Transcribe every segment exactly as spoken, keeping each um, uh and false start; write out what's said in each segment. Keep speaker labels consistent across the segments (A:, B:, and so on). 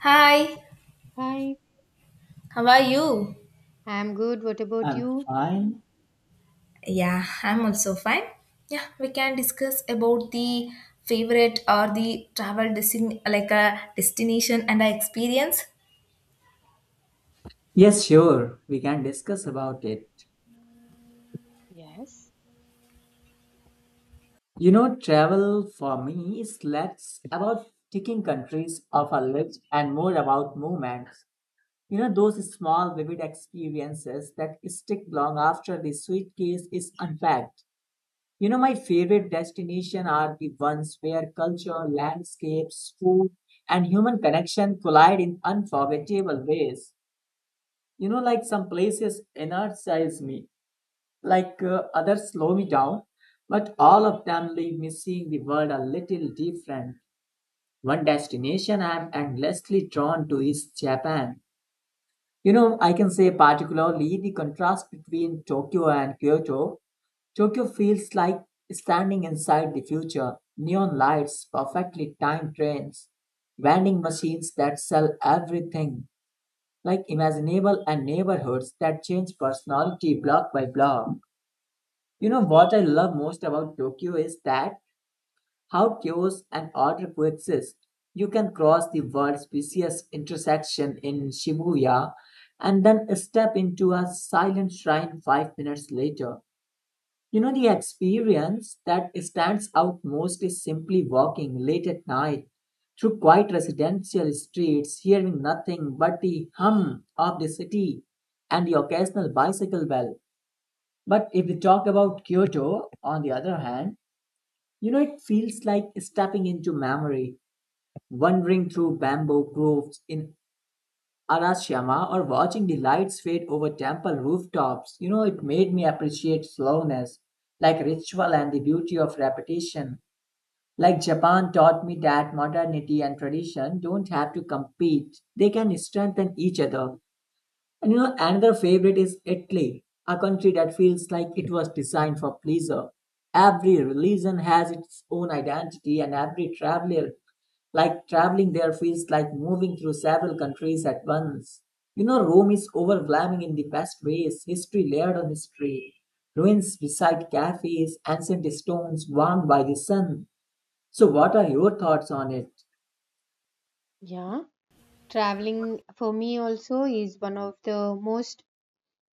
A: Hi,
B: Hi,
A: how are you?
B: I'm good. What about
C: I'm
B: you?
C: fine.
A: Yeah, I'm also fine. Yeah, we can discuss about the favorite or the travel destin like a destination and a experience.
C: Yes, sure. We can discuss about it.
B: Yes.
C: You know, travel for me is less about ticking countries off a list and more about moments. You know, those small, vivid experiences that stick long after the suitcase is unpacked. You know, my favorite destinations are the ones where culture, landscapes, food, and human connection collide in unforgettable ways. You know, like some places energize me like uh, others slow me down, but all of them leave me seeing the world a little different. One destination I am endlessly drawn to is Japan. You know, I can say particularly the contrast between Tokyo and Kyoto. Tokyo feels like standing inside the future. Neon lights, perfectly timed trains, vending machines that sell everything, like imaginable and neighborhoods that change personality block by block. You know what I love most about Tokyo is that how chaos and order coexist. You can cross the world species intersection in Shibuya and then step into a silent shrine five minutes later. You know, the experience that stands out most is simply walking late at night through quiet residential streets, hearing nothing but the hum of the city and the occasional bicycle bell. But if we talk about Kyoto, on the other hand, you know, it feels like stepping into memory, wandering through bamboo groves in Arashiyama or watching the lights fade over temple rooftops. You know, it made me appreciate slowness, like ritual and the beauty of repetition. Like Japan taught me that modernity and tradition don't have to compete, they can strengthen each other. And you know, another favorite is Italy, a country that feels like it was designed for pleasure. Every religion has its own identity, and every traveler, like traveling there, feels like moving through several countries at once. You know, Rome is overwhelming in the best ways history layered on history, ruins beside cafes, ancient stones warmed by the sun. So, what are your thoughts on it?
B: Yeah. Traveling for me also is one of the most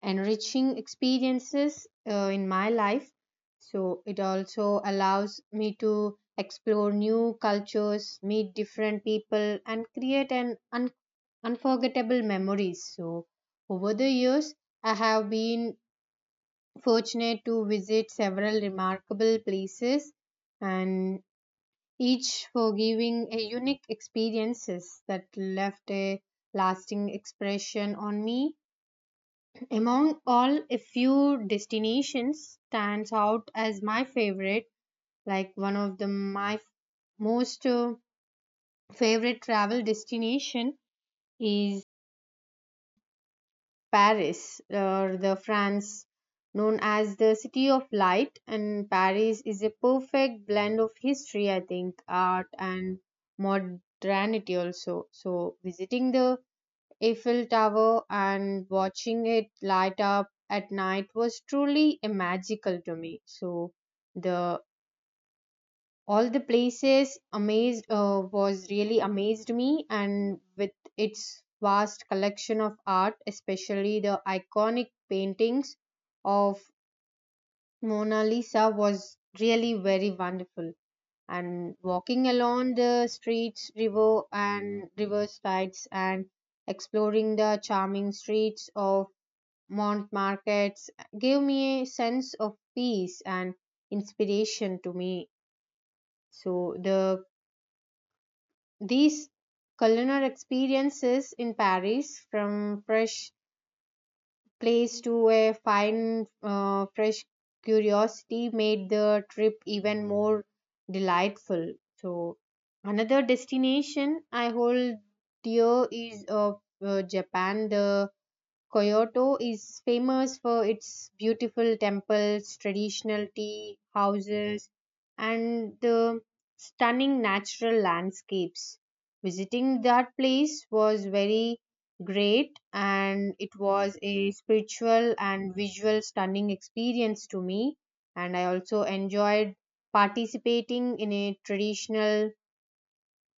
B: enriching experiences uh, in my life. So it also allows me to explore new cultures, meet different people, and create an un- unforgettable memories. So over the years, I have been fortunate to visit several remarkable places and each for giving a unique experiences that left a lasting expression on me. Among all, a few destinations stands out as my favorite, like one of the my most uh, favorite travel destination is Paris, or the France, known as the City of Light, and Paris is a perfect blend of history, I think, art, and modernity also. So, visiting the Eiffel Tower and watching it light up at night was truly a magical to me. So, the all the places amazed uh, was really amazed me and with its vast collection of art, especially the iconic paintings of Mona Lisa was really very wonderful, and walking along the streets river and river sides and exploring the charming streets of Mont Markets gave me a sense of peace and inspiration to me. So the These culinary experiences in Paris, from fresh place to a fine, uh, fresh curiosity, made the trip even more delightful. So, another destination I hold dear is uh, uh, Japan. The Kyoto is famous for its beautiful temples, traditional tea houses, and the stunning natural landscapes. Visiting that place was very great and it was a spiritual and visual stunning experience to me, and I also enjoyed participating in a traditional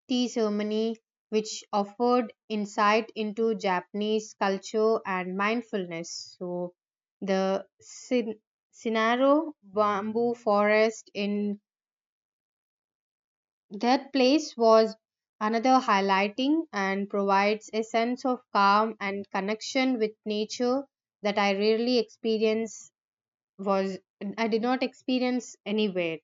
B: tea ceremony, which offered insight into Japanese culture and mindfulness. So, the Sin- Sinaro bamboo forest in that place was another highlighting and provides a sense of calm and connection with nature that I rarely experience was I did not experience anywhere.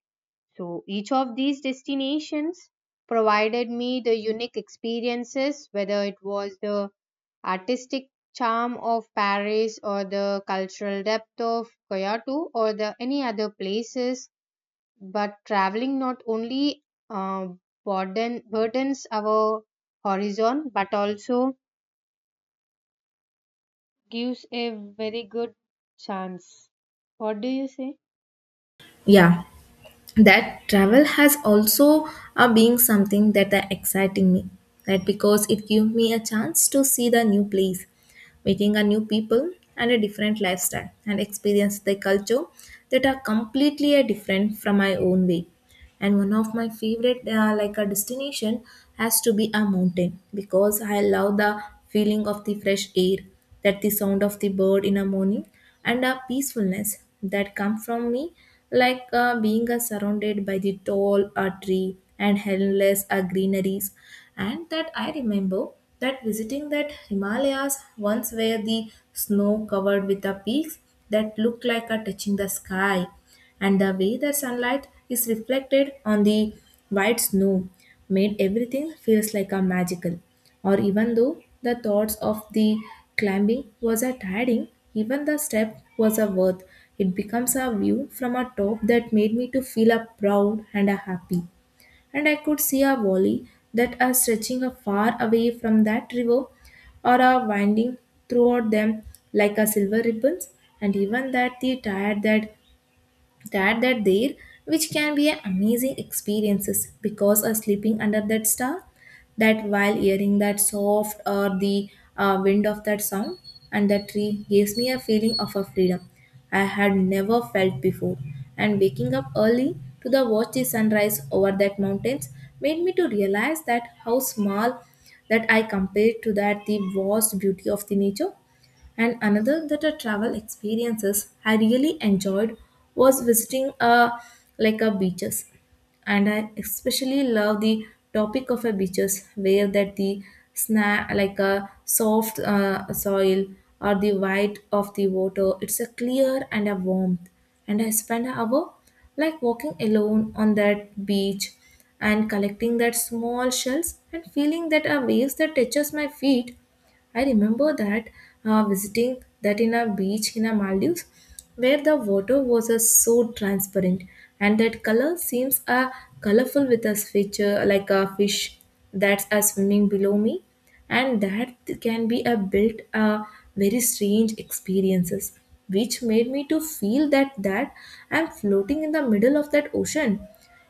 B: So each of these destinations provided me the unique experiences, whether it was the artistic charm of Paris or the cultural depth of Kyoto or the any other places. But traveling not only uh, burden, burdens our horizon but also gives a very good chance. What do you say?
A: Yeah, that travel has also uh, being something that are exciting me. That because it give me a chance to see the new place, meeting a new people and a different lifestyle and experience the culture that are completely a different from my own way, and one of my favorite uh, like a destination has to be a mountain because I love the feeling of the fresh air, that the sound of the bird in the morning and a peacefulness that come from me like uh, being uh, surrounded by the tall uh, tree and endless uh, greeneries, and that I remember that visiting that himalayas once, where the snow covered with the peaks that looked like a touching the sky, and the way the sunlight is reflected on the white snow made everything feels like a magical, or even though the thoughts of the climbing was a tiring, even the step was a worth it, becomes a view from a top that made me to feel a proud and a happy, and I could see a valley that are stretching a far away from that river or are winding throughout them like a silver ribbons, and even that the tired that to add that there, which can be an amazing experiences because of sleeping under that star, that while hearing that soft or the uh, wind of that sound and that tree gives me a feeling of a freedom I had never felt before, and waking up early to the watch the sunrise over that mountains made me to realize that how small that I compared to that the vast beauty of the nature. And another that a travel experiences I really enjoyed was visiting a like a beaches. And I especially love the topic of a beaches where that the sna like a soft uh, soil or the white of the water. It's a clear and a warmth. And I spent an hour like walking alone on that beach and collecting that small shells and feeling that a waves that touches my feet. I remember that uh, visiting that in a beach in a Maldives, where the water was uh, so transparent, and that color seems uh, colorful with a feature like a fish that's uh, swimming below me, and that can be a built uh, very strange experiences, which made me to feel that that I'm floating in the middle of that ocean.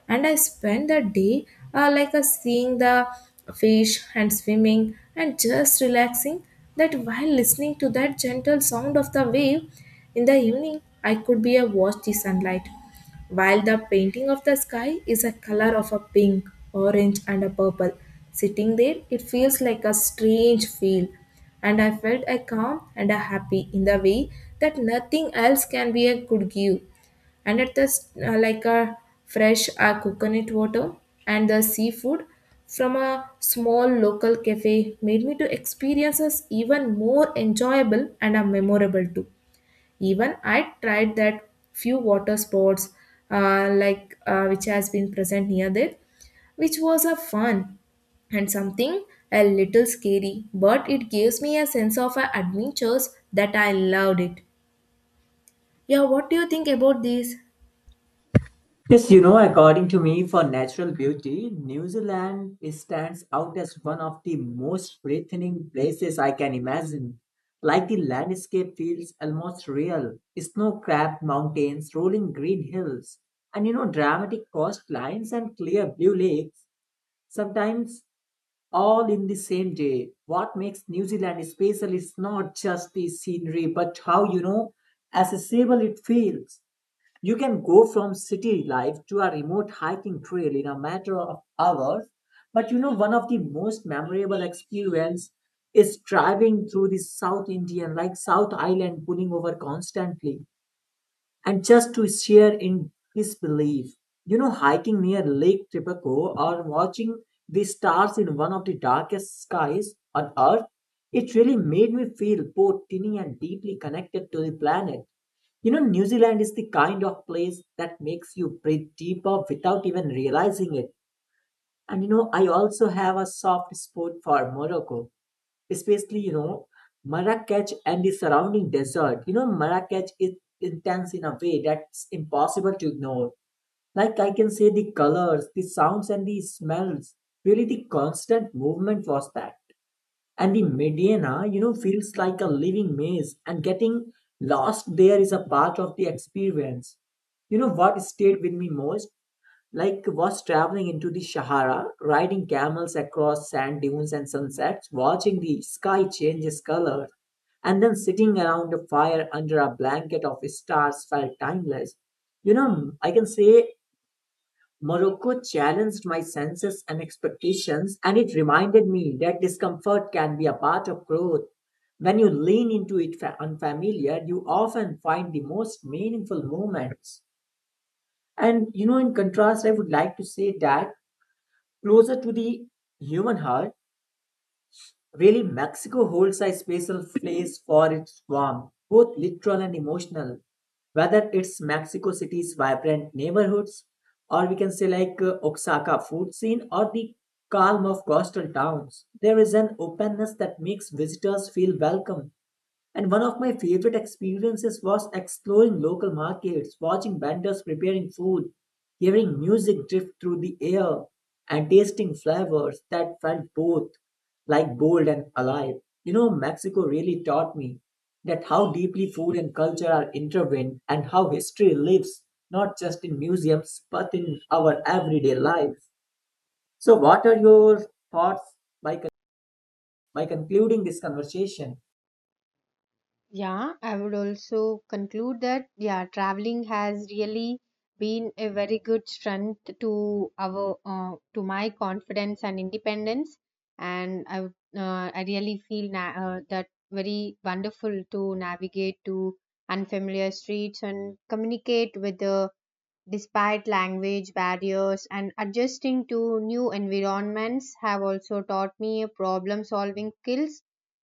A: And I spent the day uh, like a seeing the fish and swimming and just relaxing, that while listening to that gentle sound of the wave. In the evening I could be a watch the sunlight while the painting of the sky is a color of a pink, orange and a purple. Sitting there it feels like a strange feel, and I felt a calm and a happy in the way that nothing else can be a could give. And at the s- uh, like a fresh uh, coconut water and the seafood from a small local cafe made me to experiences even more enjoyable and a memorable too. Even I tried that few water sports uh, like uh, which has been present near there, which was a fun and something a little scary, but it gives me a sense of uh, adventures that I loved it. Yeah, what do you think about this?
C: Yes, you know, according to me, for natural beauty, New Zealand stands out as one of the most breathtaking places I can imagine. Like the landscape feels almost real snow capped mountains, rolling green hills, and you know, dramatic coastlines and clear blue lakes, sometimes all in the same day. What makes New Zealand special is not just the scenery, but how you know accessible it feels you can go from city life to a remote hiking trail in a matter of hours. But you know, one of the most memorable experience is driving through the South Indian, like South Island, pulling over constantly and just to share in his belief. You know, hiking near Lake Tipico or watching the stars in one of the darkest skies on Earth, it really made me feel both teeny and deeply connected to the planet. You know, New Zealand is the kind of place that makes you breathe deeper without even realizing it. And you know, I also have a soft spot for Morocco, especially, you know, Marrakech and the surrounding desert. You know, Marrakech is intense in a way that's impossible to ignore. Like I can say the colors, the sounds, and the smells. Really, the constant movement was that and the Medina, you know, feels like a living maze, and getting lost there is a part of the experience. You know what stayed with me most? Like was traveling into the Sahara, riding camels across sand dunes and sunsets, watching the sky change its color, and then sitting around a fire under a blanket of stars felt timeless. You know, I can say Morocco challenged my senses and expectations, and it reminded me that discomfort can be a part of growth. When you lean into it fa- unfamiliar, you often find the most meaningful moments. And you know, in contrast, I would like to say that closer to the human heart, really, Mexico holds a special place for its warmth, both literal and emotional. Whether it's Mexico City's vibrant neighborhoods, or we can say like uh, Oaxaca food scene, or the calm of coastal towns, there is an openness that makes visitors feel welcome. And one of my favorite experiences was exploring local markets, watching vendors preparing food, hearing music drift through the air, and tasting flavors that felt both like bold and alive. You know, Mexico really taught me that how deeply food and culture are intertwined and how history lives not just in museums but in our everyday lives. So, what are your thoughts by, con- by concluding this conversation?
B: Yeah, I would also conclude that, yeah, traveling has really been a very good strength to our uh, to my confidence and independence, and I would, uh, I really feel na- uh, that very wonderful to navigate to unfamiliar streets and communicate with the despite language barriers, and adjusting to new environments have also taught me problem solving skills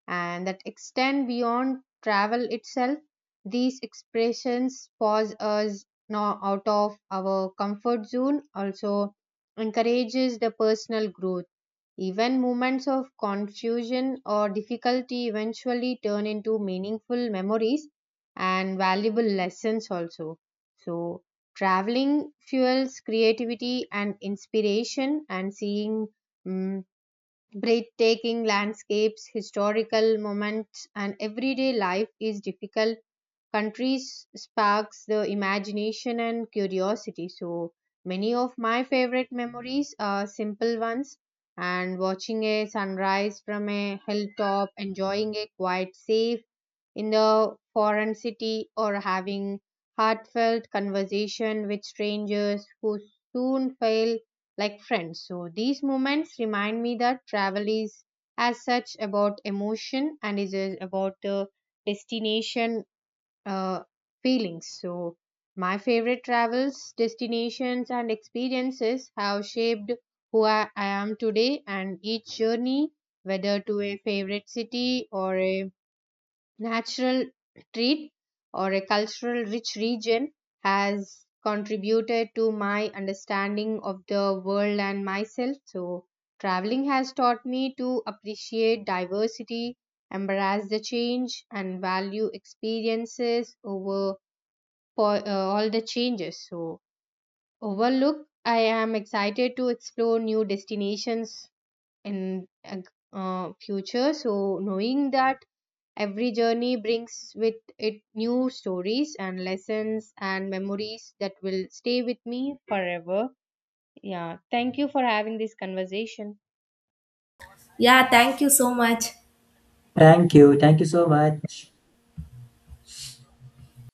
B: and that extend beyond travel itself. These expressions pause us now out of our comfort zone also encourages the personal growth. Even moments of confusion or difficulty eventually turn into meaningful memories and valuable lessons also. So traveling fuels creativity and inspiration, and seeing mm, breathtaking landscapes, historical moments, and everyday life is difficult. Countries sparks the imagination and curiosity. So many of my favorite memories are simple ones, and watching a sunrise from a hilltop, enjoying a quiet, safe in the foreign city, or having heartfelt conversation with strangers who soon feel like friends. So these moments remind me that travel is as such about emotion and is uh, about uh, destination uh, feelings. So my favorite travels destinations and experiences have shaped who I, I am today, and each journey, whether to a favorite city or a natural treat or a cultural rich region, has contributed to my understanding of the world and myself. So, traveling has taught me to appreciate diversity, embrace the change, and value experiences over po- uh, all the changes. So, overlook, I am excited to explore new destinations in uh, uh, future. So, knowing that every journey brings with it new stories and lessons and memories that will stay with me forever. Yeah, thank you for having this conversation.
A: Yeah, thank you so much.
C: Thank you. Thank you so much.